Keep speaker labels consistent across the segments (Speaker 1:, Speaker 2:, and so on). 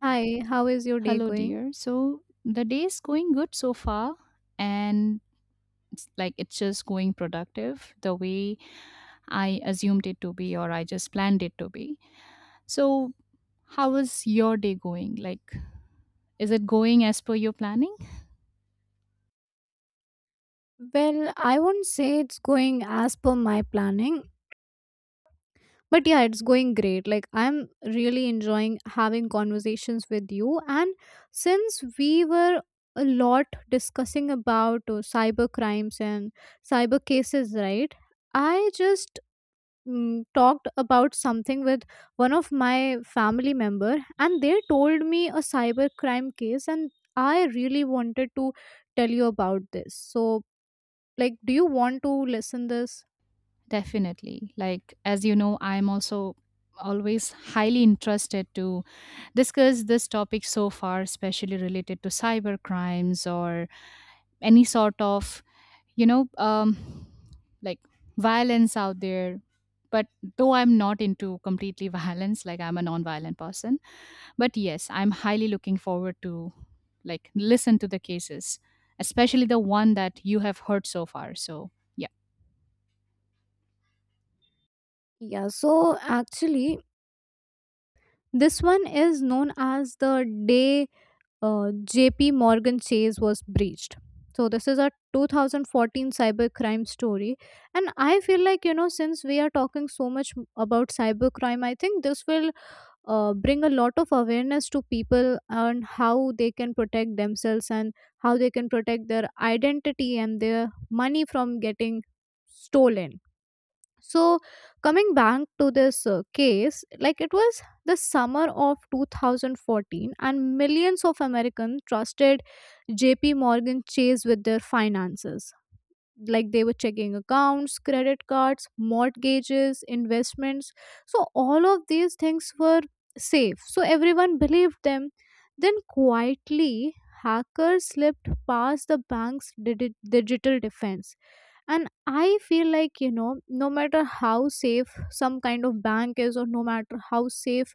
Speaker 1: Hi, how is your day
Speaker 2: Hello,
Speaker 1: going?
Speaker 2: dear. So the day's going good so far, and it's like it's just going productive the way I assumed it to be, or I just planned it to be. So, how is your day going? Like, is it going as per your planning?
Speaker 1: Well, I won't say it's going as per my planning, but yeah, it's going great. Like, I'm really enjoying having conversations with you. And since we were a lot discussing about cyber crimes and cyber cases, right? I just talked about something with one of my family member, and they told me a cyber crime case, and I really wanted to tell you about this. So, like, do you want to listen this?
Speaker 2: Definitely. Like, as you know, I'm also always highly interested to discuss this topic so far, especially related to cyber crimes or any sort of you know um like violence out there, but though I'm not into completely violence, like I'm a non-violent person, but yes, I'm highly looking forward to, like, listen to the cases, especially the one that you have heard so far, so yeah.
Speaker 1: Yeah, so actually, this one is known as the day JP Morgan Chase was breached. So this is a 2014 cybercrime story, and I feel like, you know, since we are talking so much about cybercrime, I think this will bring a lot of awareness to people on how they can protect themselves, and how they can protect their identity and their money from getting stolen. So, coming back to this case, like, it was the summer of 2014, and millions of Americans trusted JP Morgan Chase with their finances. Like, they were checking accounts, credit cards, mortgages, investments. So all of these things were safe, so everyone believed them. Then quietly, hackers slipped past the bank's digital defense. And I feel like, you know, no matter how safe some kind of bank is, or no matter how safe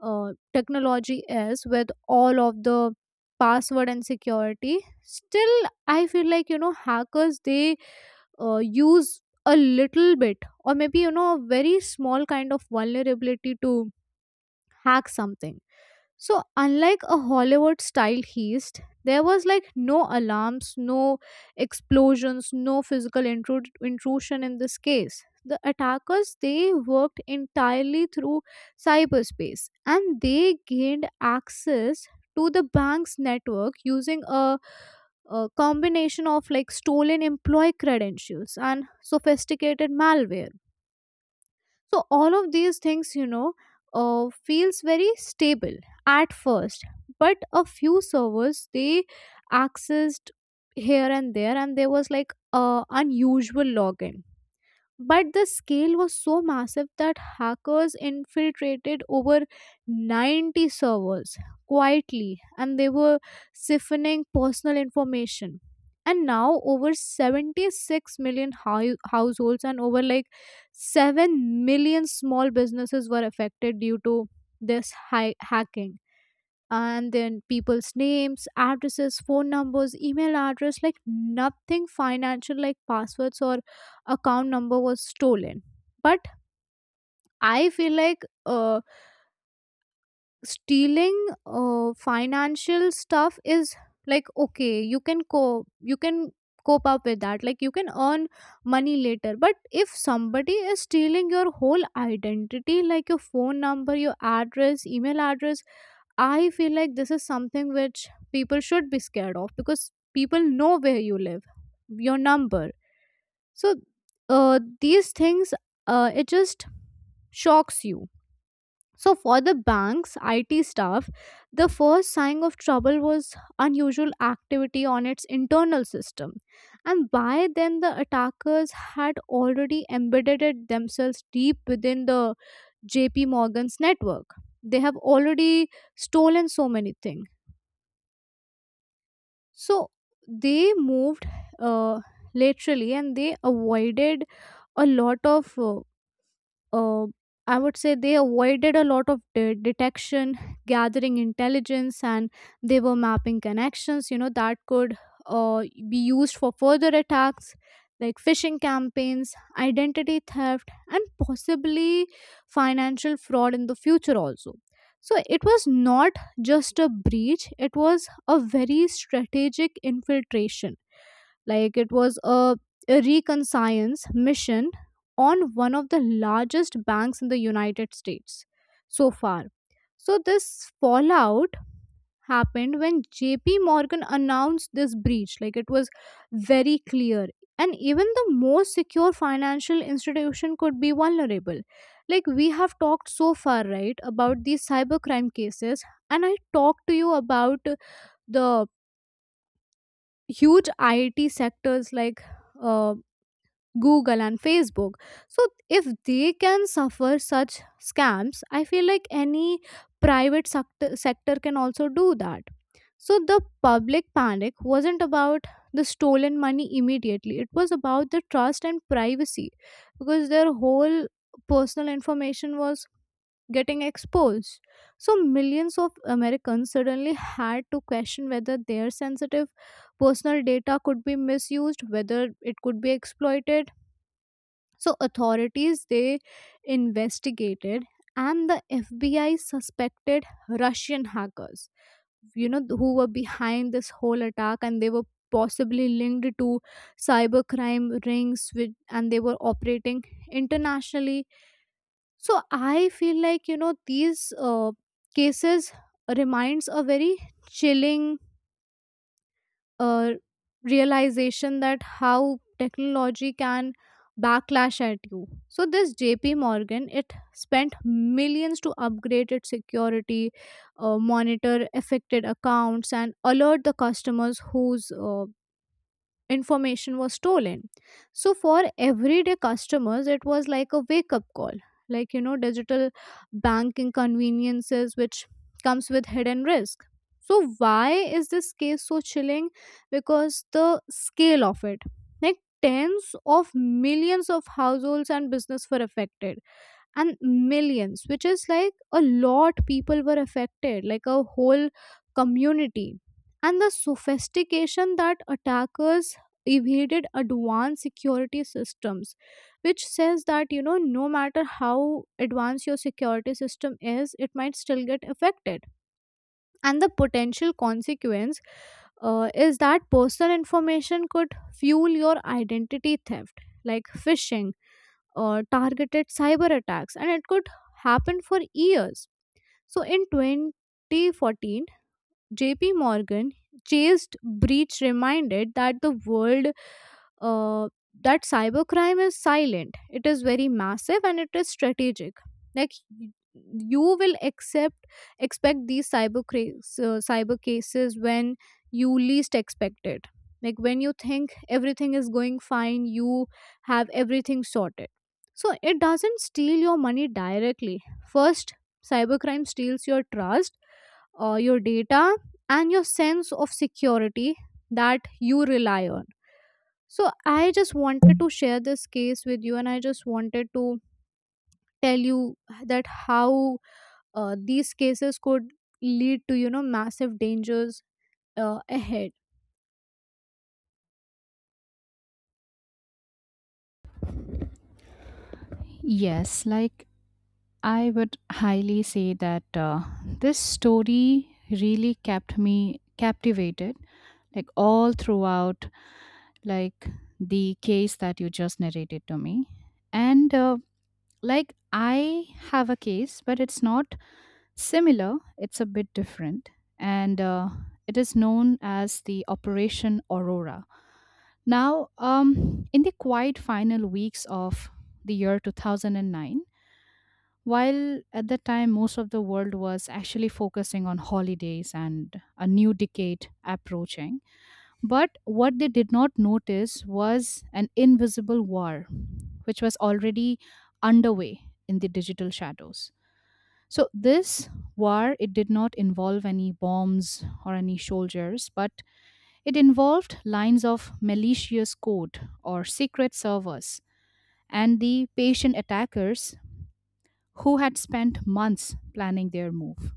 Speaker 1: technology is, with all of the password and security, still I feel like, you know, hackers, they use a little bit, or maybe, you know, a very small kind of vulnerability to hack something. So, unlike a Hollywood style heist, there was like no alarms, no explosions, no physical intrusion in this case. The attackers, they worked entirely through cyberspace, and they gained access to the bank's network using a combination of like stolen employee credentials and sophisticated malware. So all of these things, you know, feels very stable at first, but a few servers they accessed here and there, and there was like a unusual login. But the scale was so massive that hackers infiltrated over 90 servers quietly, and they were siphoning personal information. And now over 76 million households, and over like 7 million small businesses were affected due to this hacking. And then people's names, addresses, phone numbers, email address, like nothing financial like passwords or account number was stolen. But I feel like, stealing financial stuff is like okay, you can cope up with that. Like you can earn money later, but if somebody is stealing your whole identity, like your phone number, your address, email address, I feel like this is something which people should be scared of, because people know where you live, your number. So, these things, it just shocks you. So for the bank's IT staff, the first sign of trouble was unusual activity on its internal system. And by then, the attackers had already embedded it themselves deep within the JP Morgan's network. They have already stolen so many things. So they moved uh, laterally, and they avoided a lot of uh, I would say they avoided a lot of detection, gathering intelligence, and they were mapping connections, you know, that could uh, be used for further attacks like phishing campaigns, identity theft, and possibly financial fraud in the future also. So it was not just a breach, it was a very strategic infiltration, like it was a reconciliance mission on one of the largest banks in the United States so far. So this fallout happened when JP Morgan announced this breach. Like it was very clear. And even the most secure financial institution could be vulnerable. Like we have talked so far, right, about these cybercrime cases. And I talked to you about the huge I T sectors like uh, Google and Facebook. So if they can suffer such scams, I feel like any private sector can also do that. So the public panic wasn't about the stolen money immediately. It was about the trust and privacy, because their whole personal information was getting exposed. So millions of Americans suddenly had to question whether their sensitive personal data could be misused, whether it could be exploited. So authorities, they investigated, and the FBI suspected Russian hackers, you know, who were behind this whole attack, and they were possibly linked to cybercrime rings with, and they were operating internationally. So I feel like, you know, these uh, cases reminds a very chilling uh, realization that how technology can backlash at you. So this JP Morgan, it spent millions to upgrade its security, monitor affected accounts, and alert the customers whose information was stolen. So for everyday customers, it was like a wake up call. Like, you know, digital banking conveniences, which comes with hidden risk. So, why is this case so chilling? Because the scale of it, like tens of millions of households and business were affected, and millions, which is like a lot people, were affected, like a whole community. And the sophistication, that attackers evaded advanced security systems, which says that, you know, no matter how advanced your security system is, it might still get affected. And the potential consequence, is that personal information could fuel your identity theft, like phishing, targeted cyber attacks, and it could happen for years. So in 2014, JP Morgan chased breach reminded that the world uh, that cybercrime is silent. It is very massive and it is strategic. Like y- you will accept expect these cyber cases when you least expect it. Like when you think everything is going fine, you have everything sorted. So it doesn't steal your money directly. First, cybercrime steals your trust, your data, and your sense of security that you rely on. So, I just wanted to share this case with you, and I just wanted to tell you that how these cases could lead to, you know, massive dangers ahead.
Speaker 2: Yes, like I would highly say that this story really kept me captivated, like all throughout, like the case that you just narrated to me. And like, I have a case, but it's not similar, it's a bit different. And it is known as the Operation Aurora. Now, in the quiet final weeks of the year 2009, while at that time most of the world was actually focusing on holidays and a new decade approaching, but what they did not notice was an invisible war, which was already underway in the digital shadows. So this war, it did not involve any bombs or any soldiers, but it involved lines of malicious code or secret servers and the patient attackers who had spent months planning their move.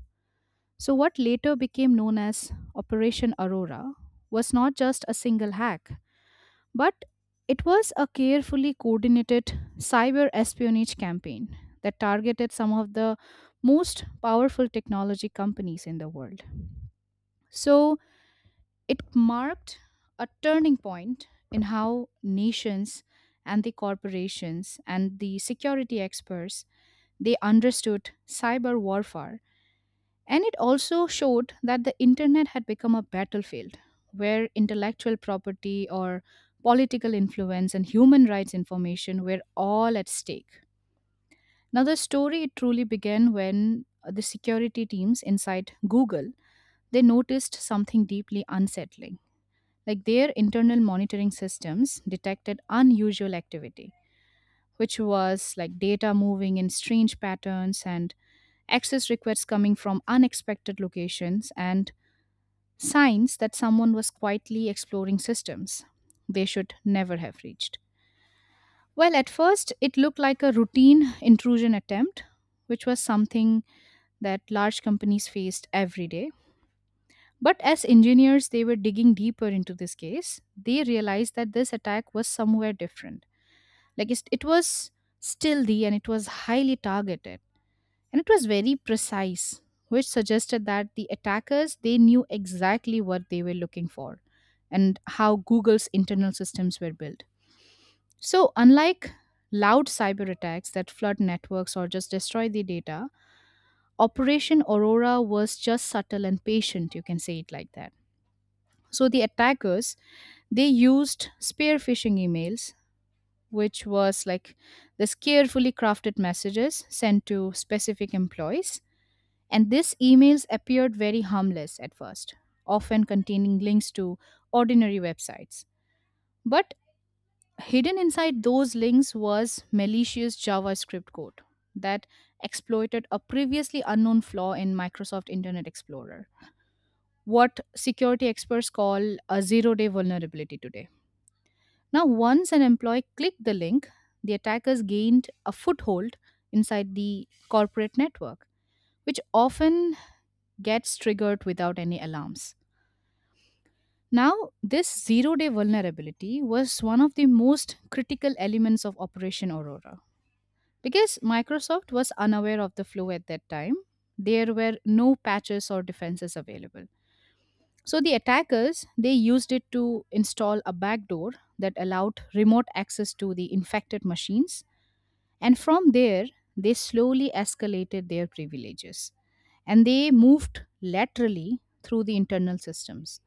Speaker 2: So what later became known as Operation Aurora was not just a single hack, but it was a carefully coordinated cyber espionage campaign that targeted some of the most powerful technology companies in the world. So it marked a turning point in how nations and the corporations and the security experts, they understood cyber warfare, and it also showed that the internet had become a battlefield where intellectual property or political influence and human rights information were all at stake. Now, the story truly began when the security teams inside Google, they noticed something deeply unsettling. Like, their internal monitoring systems detected unusual activity, which was like data moving in strange patterns and access requests coming from unexpected locations and signs that someone was quietly exploring systems they should never have reached. Well, at first, it looked like a routine intrusion attempt, which was something that large companies faced every day. But as engineers, they were digging deeper into this case. They realized that this attack was somewhere different. Like it was stealthy and it was highly targeted, and it was very precise, which suggested that the attackers, they knew exactly what they were looking for and how Google's internal systems were built. So, unlike loud cyber attacks that flood networks or just destroy the data, Operation Aurora was just subtle and patient, you can say it like that. So the attackers, they used spear phishing emails, which was like this carefully crafted messages sent to specific employees. And these emails appeared very harmless at first, often containing links to ordinary websites. But hidden inside those links was malicious JavaScript code that exploited a previously unknown flaw in Microsoft Internet Explorer, what security experts call a zero day vulnerability today. Now, once an employee clicked the link, the attackers gained a foothold inside the corporate network, which often gets triggered without any alarms. Now, this zero day vulnerability was one of the most critical elements of Operation Aurora. Because Microsoft was unaware of the flaw at that time, there were no patches or defenses available. So the attackers, they used it to install a backdoor that allowed remote access to the infected machines, and from there they slowly escalated their privileges and they moved laterally through the internal systems.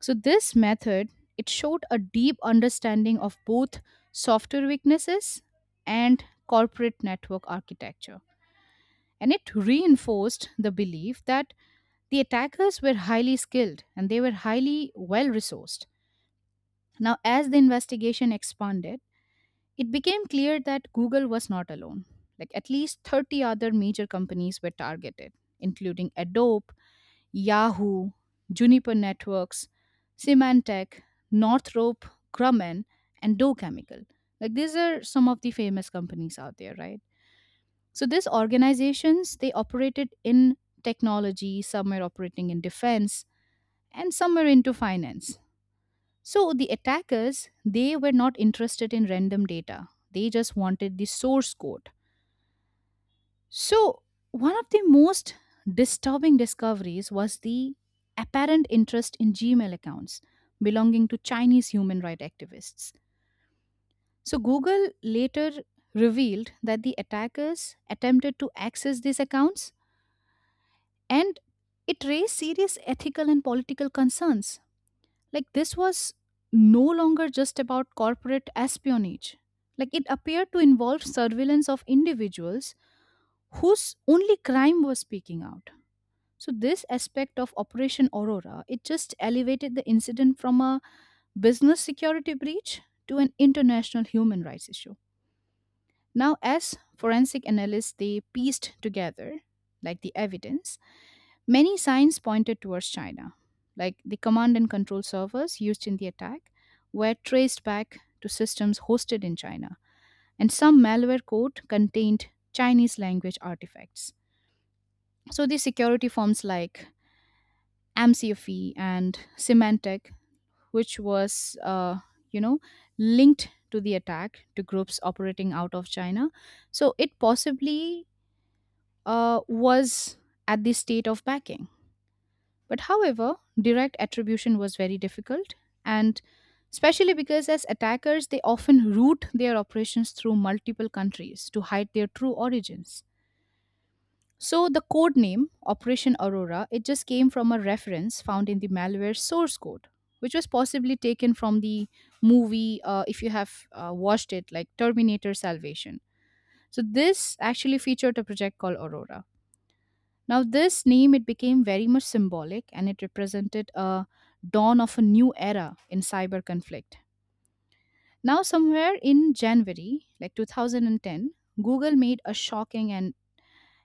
Speaker 2: So this method, it showed a deep understanding of both software weaknesses and corporate network architecture. And it reinforced the belief that the attackers were highly skilled and they were highly well resourced. Now, as the investigation expanded, it became clear that Google was not alone. Like, at least 30 other major companies were targeted, including Adobe, Yahoo, Juniper Networks, Symantec, Northrop Grumman, and Dow Chemical. Like, these are some of the famous companies out there, right? So these organizations, they operated in technology, some were operating in defense, and some were into finance. So the attackers, they were not interested in random data. They just wanted the source code. So, one of the most disturbing discoveries was the apparent interest in Gmail accounts belonging to Chinese human rights activists. So, Google later revealed that the attackers attempted to access these accounts, and it raised serious ethical and political concerns. Like, this was no longer just about corporate espionage. Like, it appeared to involve surveillance of individuals whose only crime was speaking out. So this aspect of Operation Aurora, it just elevated the incident from a business security breach to an international human rights issue. Now, as forensic analysts, they pieced together, like, the evidence. Many signs pointed towards China, like the command and control servers used in the attack were traced back to systems hosted in China, and some malware code contained Chinese language artifacts. So the security firms, like amcfe and symantec, which was uh, you know linked to the attack, to groups operating out of China, so it possibly was at the state of backing. But however, direct attribution was very difficult, and especially because as attackers, they often route their operations through multiple countries to hide their true origins. So the code name Operation Aurora, it just came from a reference found in the malware source code, which was possibly taken from the movie, if you have watched it, like Terminator Salvation. So this actually featured a project called Aurora. Now this name, it became very much symbolic, and it represented a dawn of a new era in cyber conflict. Now somewhere in January, like 2010, Google made a shocking and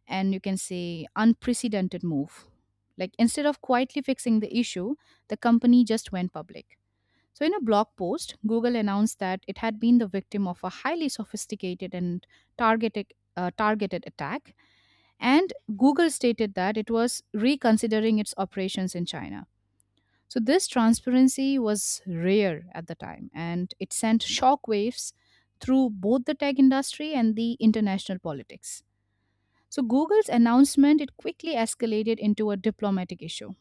Speaker 2: and you can say unprecedented move. Like, instead of quietly fixing the issue, the company just went public. So, in a blog post, Google announced that it had been the victim of a highly sophisticated and targeted attack. And Google stated that it was reconsidering its operations in China. So, this transparency was rare at the time, and it sent shockwaves through both the tech industry and the international politics. So Google's announcement, it quickly escalated into a diplomatic issue,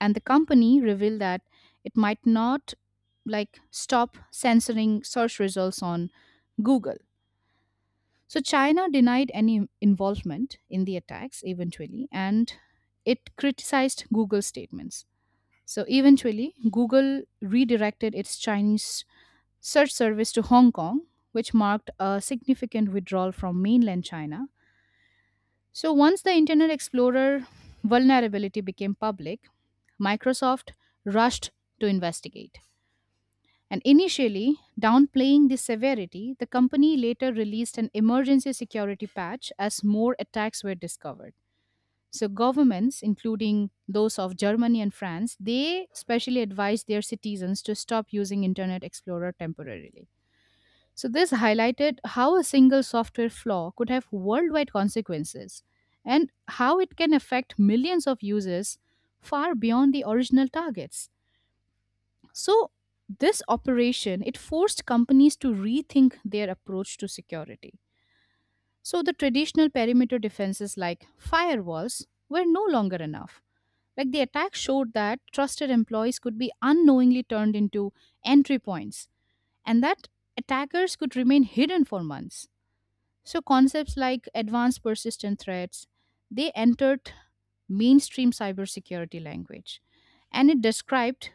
Speaker 2: and the company revealed that it might not, like, stop censoring search results on Google. So China denied any involvement in the attacks eventually, and it criticized Google's statements. So eventually Google redirected its Chinese search service to Hong Kong, which marked a significant withdrawal from mainland China. So, once the Internet Explorer vulnerability became public, Microsoft rushed to investigate. And initially, downplaying the severity, the company later released an emergency security patch as more attacks were discovered. So governments, including those of Germany and France, they specially advised their citizens to stop using Internet Explorer temporarily. So, this highlighted how a single software flaw could have worldwide consequences and how it can affect millions of users far beyond the original targets. So, this operation, it forced companies to rethink their approach to security. So, the traditional perimeter defenses like firewalls were no longer enough. Like, the attack showed that trusted employees could be unknowingly turned into entry points, and that attackers could remain hidden for months. So concepts like advanced persistent threats, they entered mainstream cybersecurity language, and it described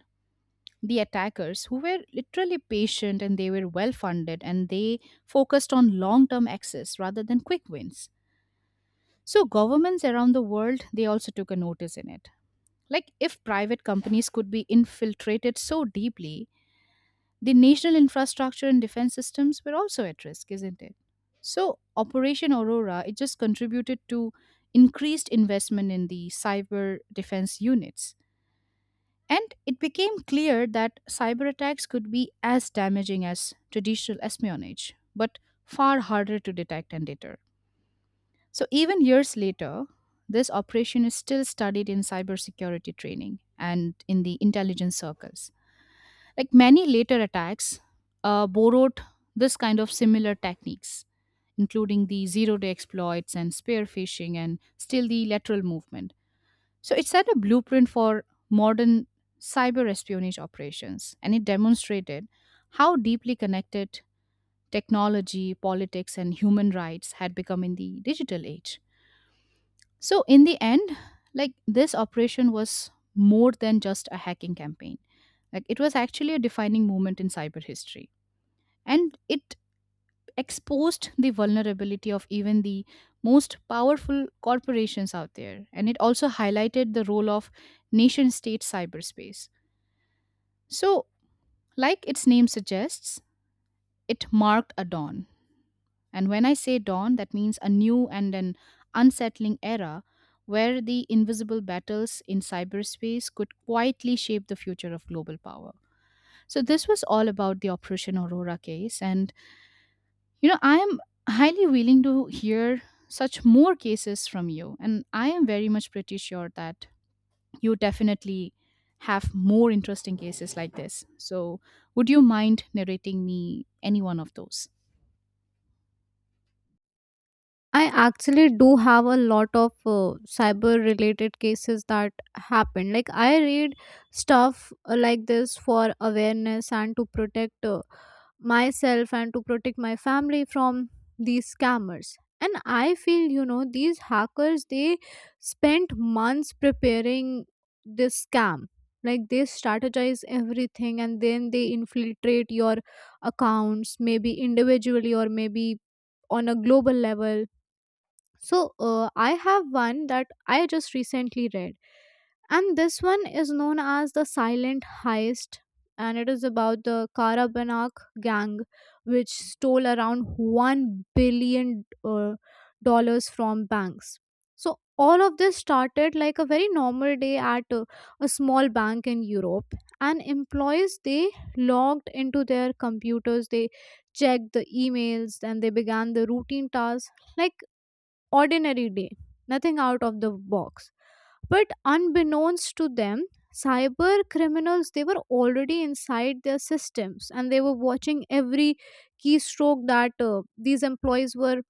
Speaker 2: the attackers who were literally patient and they were well funded and they focused on long-term access rather than quick wins. So governments around the world, they also took a notice in it. Like, if private companies could be infiltrated so deeply, the national infrastructure and defense systems were also at risk, isn't it? So, Operation Aurora, it just contributed to increased investment in the cyber defense units. And it became clear that cyber attacks could be as damaging as traditional espionage, but far harder to detect and deter. So, even years later, this operation is still studied in cybersecurity training and in the intelligence circles. Like many later attacks, borrowed this kind of similar techniques, including the zero day exploits and spear phishing and still the lateral movement. So it set a blueprint for modern cyber espionage operations, and it demonstrated how deeply connected technology, politics, and human rights had become in the digital age. So, in the end, like, this operation was more than just a hacking campaign. Like it was actually a defining moment in cyber history and it exposed the vulnerability of even the most powerful corporations out there, and it also highlighted the role of nation state cyberspace. So like its name suggests, it marked a dawn, and when I say dawn that means a new and an unsettling era where the invisible battles in cyberspace could quietly shape the future of global power. So this was all about the operation aurora case. And I am highly willing to hear such more cases from you, and I am very much pretty sure that you definitely have more interesting cases like this. So, would you mind narrating me any one of those?
Speaker 1: I actually do have a lot of cyber related cases that happen. Like I read stuff like this for awareness, and to protect myself, and to protect my family from these scammers. And I feel, you know, these hackers, they spent months preparing this scam. Like they strategize everything, and then they infiltrate your accounts, maybe individually or maybe on a global level. So I have one that I just recently read, and this one is known as the Silent Heist, and it is about the Karabanak gang, which stole around one billion dollars from banks. So all of this started like a very normal day at a small bank in Europe, and employees, they logged into their computers, they checked the emails, and they began the routine tasks, like ordinary day, nothing out of the box. But unbeknownst to them, cyber criminals, they were already inside their systems, and they were watching every keystroke that these employees were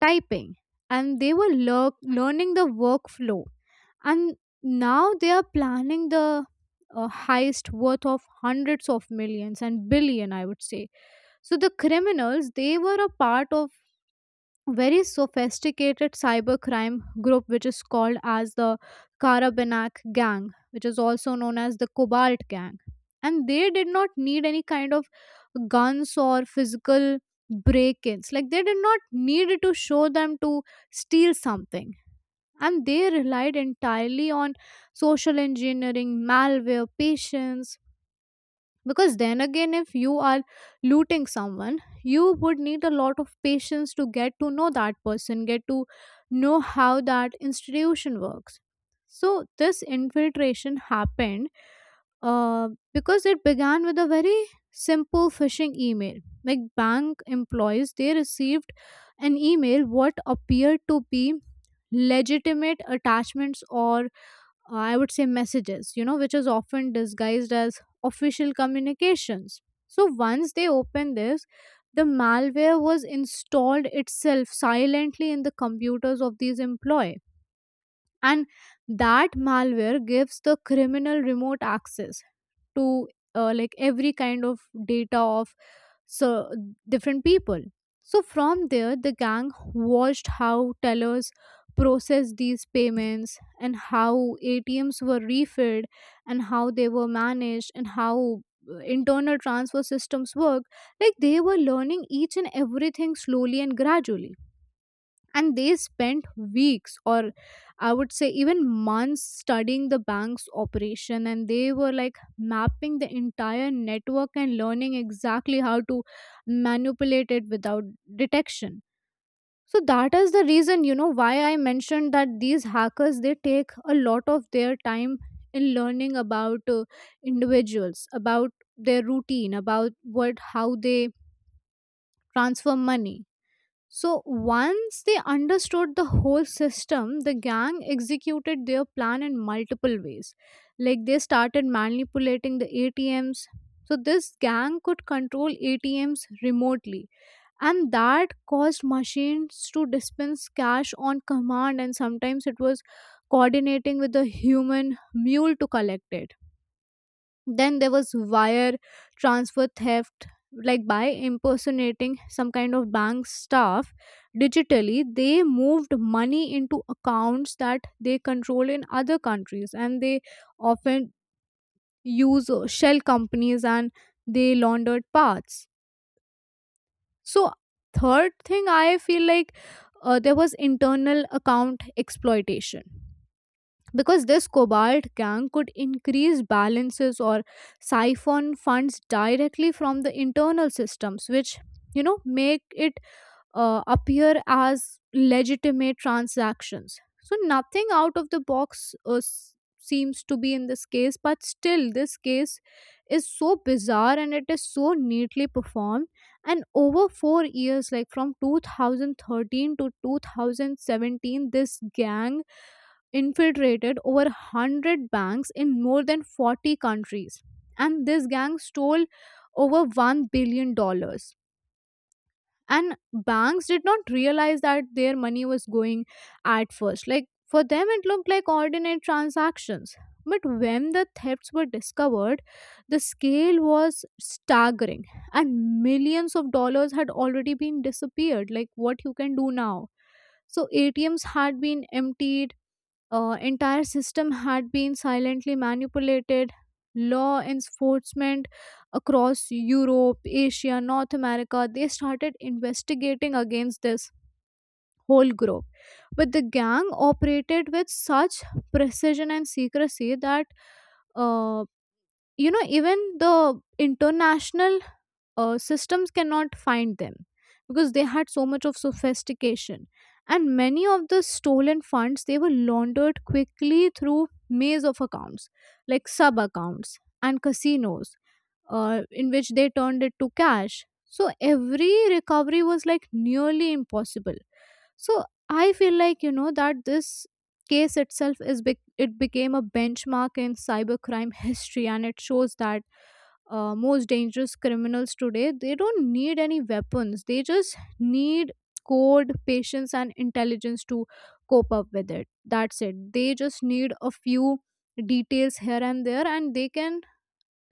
Speaker 1: typing, and they were learning the workflow. And now they are planning the heist worth of hundreds of millions and billion, I would say. So the criminals, they were a part of very sophisticated cybercrime group which is called as the Karabanak gang, which is also known as the Cobalt gang. And they did not need any kind of guns or physical break-ins. Like they did not need to show them to steal something, and they relied entirely on social engineering, malware, patience. Because then again, if you are looting someone, you would need a lot of patience to get to know that person, get to know how that institution works. So this infiltration happened uh, because it began with a very simple phishing email. Like bank employees, they received an email what appeared to be legitimate attachments, or I would say messages, you know, which is often disguised as official communications. So once they opened this, the malware was installed itself silently in the computers of these employees. And that malware gives the criminal remote access to like every kind of data of so different people. So from there, the gang watched how tellers processed these payments, and how ATMs were refilled, and how they were managed, and how internal transfer systems work. Like they were learning each and everything slowly and gradually, and they spent weeks, or I would say even months, studying the bank's operation, and they were like mapping the entire network and learning exactly how to manipulate it without detection. So that is the reason, you know, why I mentioned that these hackers, they take a lot of their time in learning about individuals, about their routine, about what, how they transfer money. So once they understood the whole system, the gang executed their plan in multiple ways. Like they started manipulating the ATMs. So this gang could control ATMs remotely, and that caused machines to dispense cash on command, and sometimes it was coordinating with a human mule to collect it. Then there was wire transfer theft, like by impersonating some kind of bank staff digitally. They moved money into accounts that they control in other countries, and they often use shell companies, and they laundered parts. So, third thing I feel like, there was internal account exploitation, because this Cobalt gang could increase balances or siphon funds directly from the internal systems, which, you know, make it appear as legitimate transactions. So nothing out of the box seems to be in this case, but still, this case is so bizarre and it is so neatly performed. And over 4 years, like from 2013 to 2017, this gang infiltrated over 100 banks in more than 40 countries. And this gang stole over $1 billion. dollars. And banks did not realize that their money was going at first. Like for them it looked like ordinary transactions, but when the thefts were discovered, the scale was staggering, and millions of dollars had already been disappeared. Like what you can do now? So ATMs had been emptied, entire system had been silently manipulated. Law enforcement across Europe, Asia, North America, they started investigating against this whole group. But the gang operated with such precision and secrecy that, uh, you know, even the international systems cannot find them, because they had so much of sophistication. And many of the stolen funds, they were laundered quickly through maze of accounts, like sub accounts and casinos, in which they turned it to cash. So every recovery was like nearly impossible. So I feel like, you know, that this case itself is bec it became a benchmark in cybercrime history, and it shows that most dangerous criminals today, they don't need any weapons; they just need code, patience, and intelligence to cope up with it. That's it. They just need a few details here and there, and they can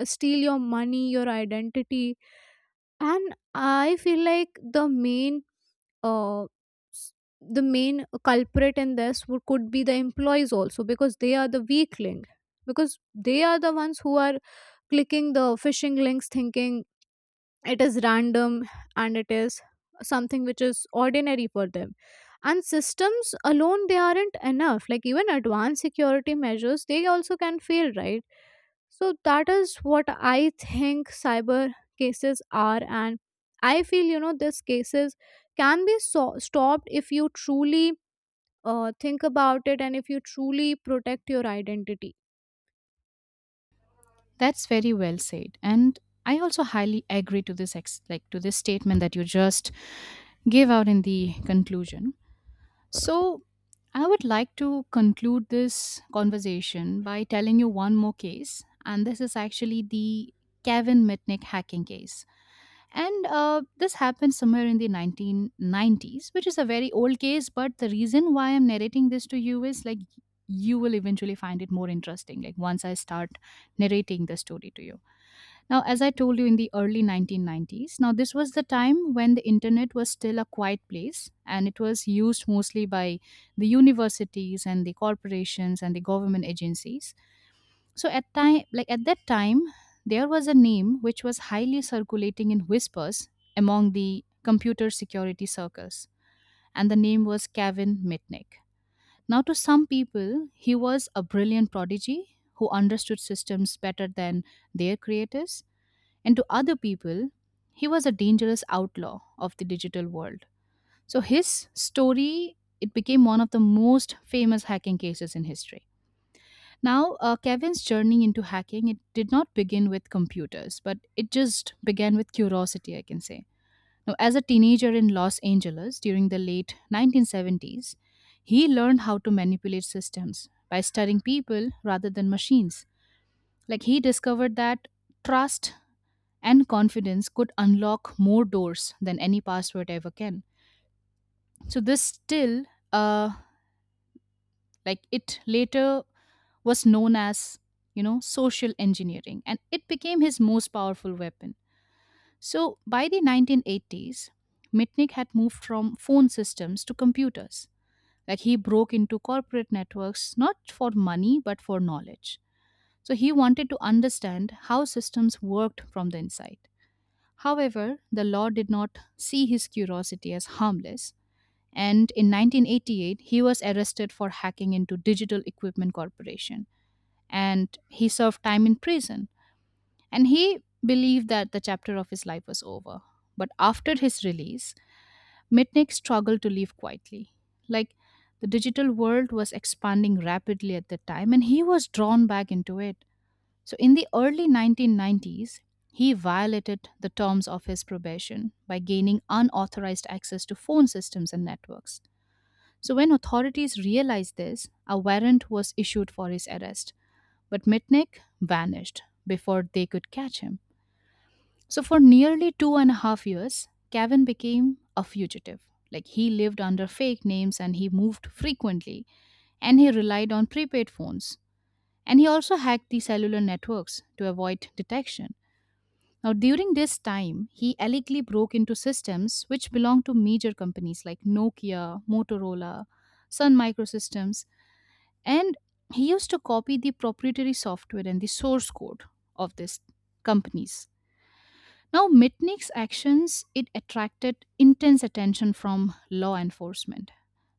Speaker 1: steal your money, your identity. And I feel like the main uh, s- the main culprit in this could be the employees also, because they are the weak link, because they are the ones who are clicking the phishing links, thinking it is random and it is something which is ordinary for them. And systems alone, they aren't enough. Like even advanced security measures, they also can fail, right? So that is what I think cyber cases are. And I feel, you know, these cases can be stopped if you truly think about it, and if you truly protect your identity.
Speaker 2: That's very well said, and I also highly agree to this ex- like to this statement that you just gave out in the conclusion. So, I would like to conclude this conversation by telling you one more case, and this is actually the Kevin Mitnick hacking case. And this happened somewhere in the 1990s, which is a very old case. But the reason why I'm narrating this to you is like you will eventually find it more interesting, like once I start narrating the story to you. Now, as I told you, in the early 1990s, now this was the time when the internet was still a quiet place and it was used mostly by the universities and the corporations and the government agencies. So at that time there was a name which was highly circulating in whispers among the computer security circles, and the name was Kevin Mitnick. Now to some people he was a brilliant prodigy who understood systems better than their creators, and to other people he was a dangerous outlaw of the digital world. So his story, it became one of the most famous hacking cases in history. Now, Kevin's journey into hacking, it did not begin with computers, but it just began with curiosity, I can say. Now, as a teenager in Los Angeles during the late 1970s, he learned how to manipulate systems by studying people rather than machines. Like he discovered that trust and confidence could unlock more doors than any password ever can. So this still, uh, like it later was known as, you know, social engineering, and it became his most powerful weapon. So by the 1980s, Mitnick had moved from phone systems to computers. Like he broke into corporate networks not for money but for knowledge. So he wanted to understand how systems worked from the inside. However, the law did not see his curiosity as harmless, and in 1988 he was arrested for hacking into Digital Equipment Corporation, and he served time in prison. And he believed that the chapter of his life was over. But after his release, Mitnick struggled to live quietly. Like the digital world was expanding rapidly at the time, and he was drawn back into it. So, in the early 1990s, he violated the terms of his probation by gaining unauthorized access to phone systems and networks. So, when authorities realized this, a warrant was issued for his arrest. But Mitnick vanished before they could catch him. So, for nearly two and a half years, Kevin became a fugitive. Like, he lived under fake names and he moved frequently, and he relied on prepaid phones. And he also hacked the cellular networks to avoid detection. Now, during this time, he allegedly broke into systems which belonged to major companies like Nokia, Motorola, Sun Microsystems, and he used to copy the proprietary software and the source code of these companies. Now Mitnick's actions, it attracted intense attention from law enforcement.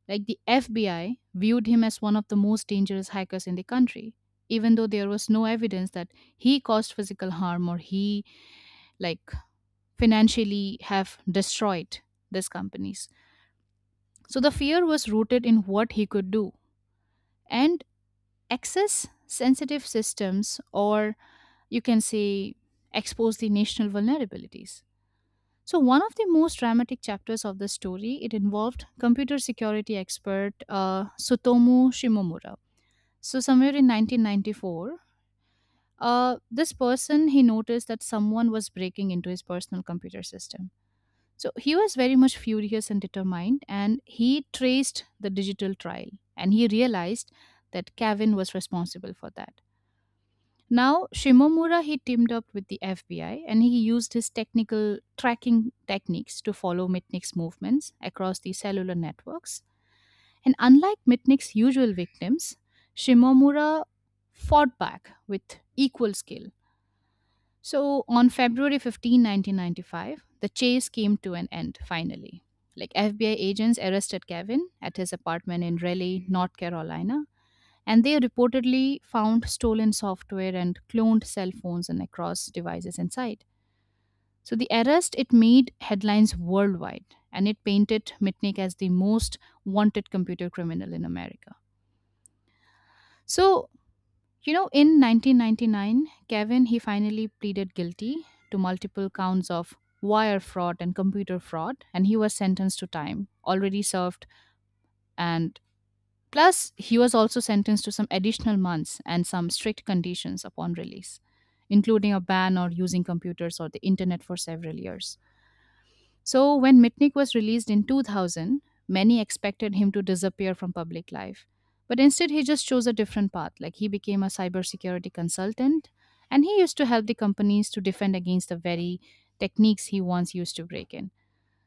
Speaker 2: Like the FBI viewed him as one of the most dangerous hackers in the country, even though there was no evidence that he caused physical harm or he like financially have destroyed these companies. So the fear was rooted in what he could do and access sensitive systems, or you can say expose the national vulnerabilities. So one of the most dramatic chapters of the story, it involved computer security expert Sutomu Shimomura. So somewhere in 1994, this person he noticed that someone was breaking into his personal computer system. So he was very much furious and determined, and he traced the digital trail, and he realized that Kevin was responsible for that. Now, Shimomura he teamed up with the FBI and he used his technical tracking techniques to follow Mitnick's movements across the cellular networks. And unlike Mitnick's usual victims, Shimomura fought back with equal skill. So, on February 15, 1995, the chase came to an end finally. Like FBI agents arrested Kevin at his apartment in Raleigh, North Carolina, and they reportedly found stolen software and cloned cell phones and across devices inside. So the arrest, it made headlines worldwide, and it painted Mitnick as the most wanted computer criminal in America. So, you know, in 1999, Kevin he finally pleaded guilty to multiple counts of wire fraud and computer fraud, and he was sentenced to time already served. And plus, he was also sentenced to some additional months and some strict conditions upon release, including a ban on using computers or the internet for several years. So, when Mitnick was released in 2000, many expected him to disappear from public life. But instead, he just chose a different path. Like, he became a cybersecurity consultant and he used to help the companies to defend against the very techniques he once used to break in.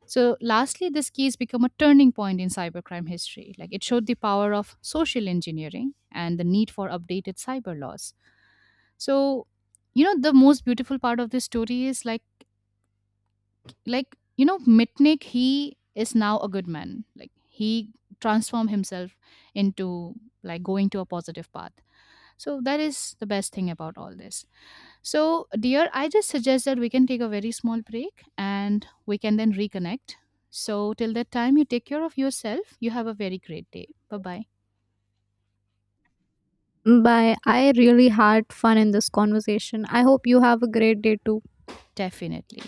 Speaker 2: So, lastly, this case became a turning point in cybercrime history. Like it showed the power of social engineering and the need for updated cyber laws. So, you know, the most beautiful part of this story is like you know, Mitnick. He is now a good man. Like he transformed himself into like going to a positive path. So that is the best thing about all this. So, dear, I just suggest that we can take a very small break and we can then reconnect. So, till that time, you take care of yourself. You have a very great day. Bye bye.
Speaker 1: Bye. I really had fun in this conversation, I hope you have a great day too.
Speaker 2: Definitely.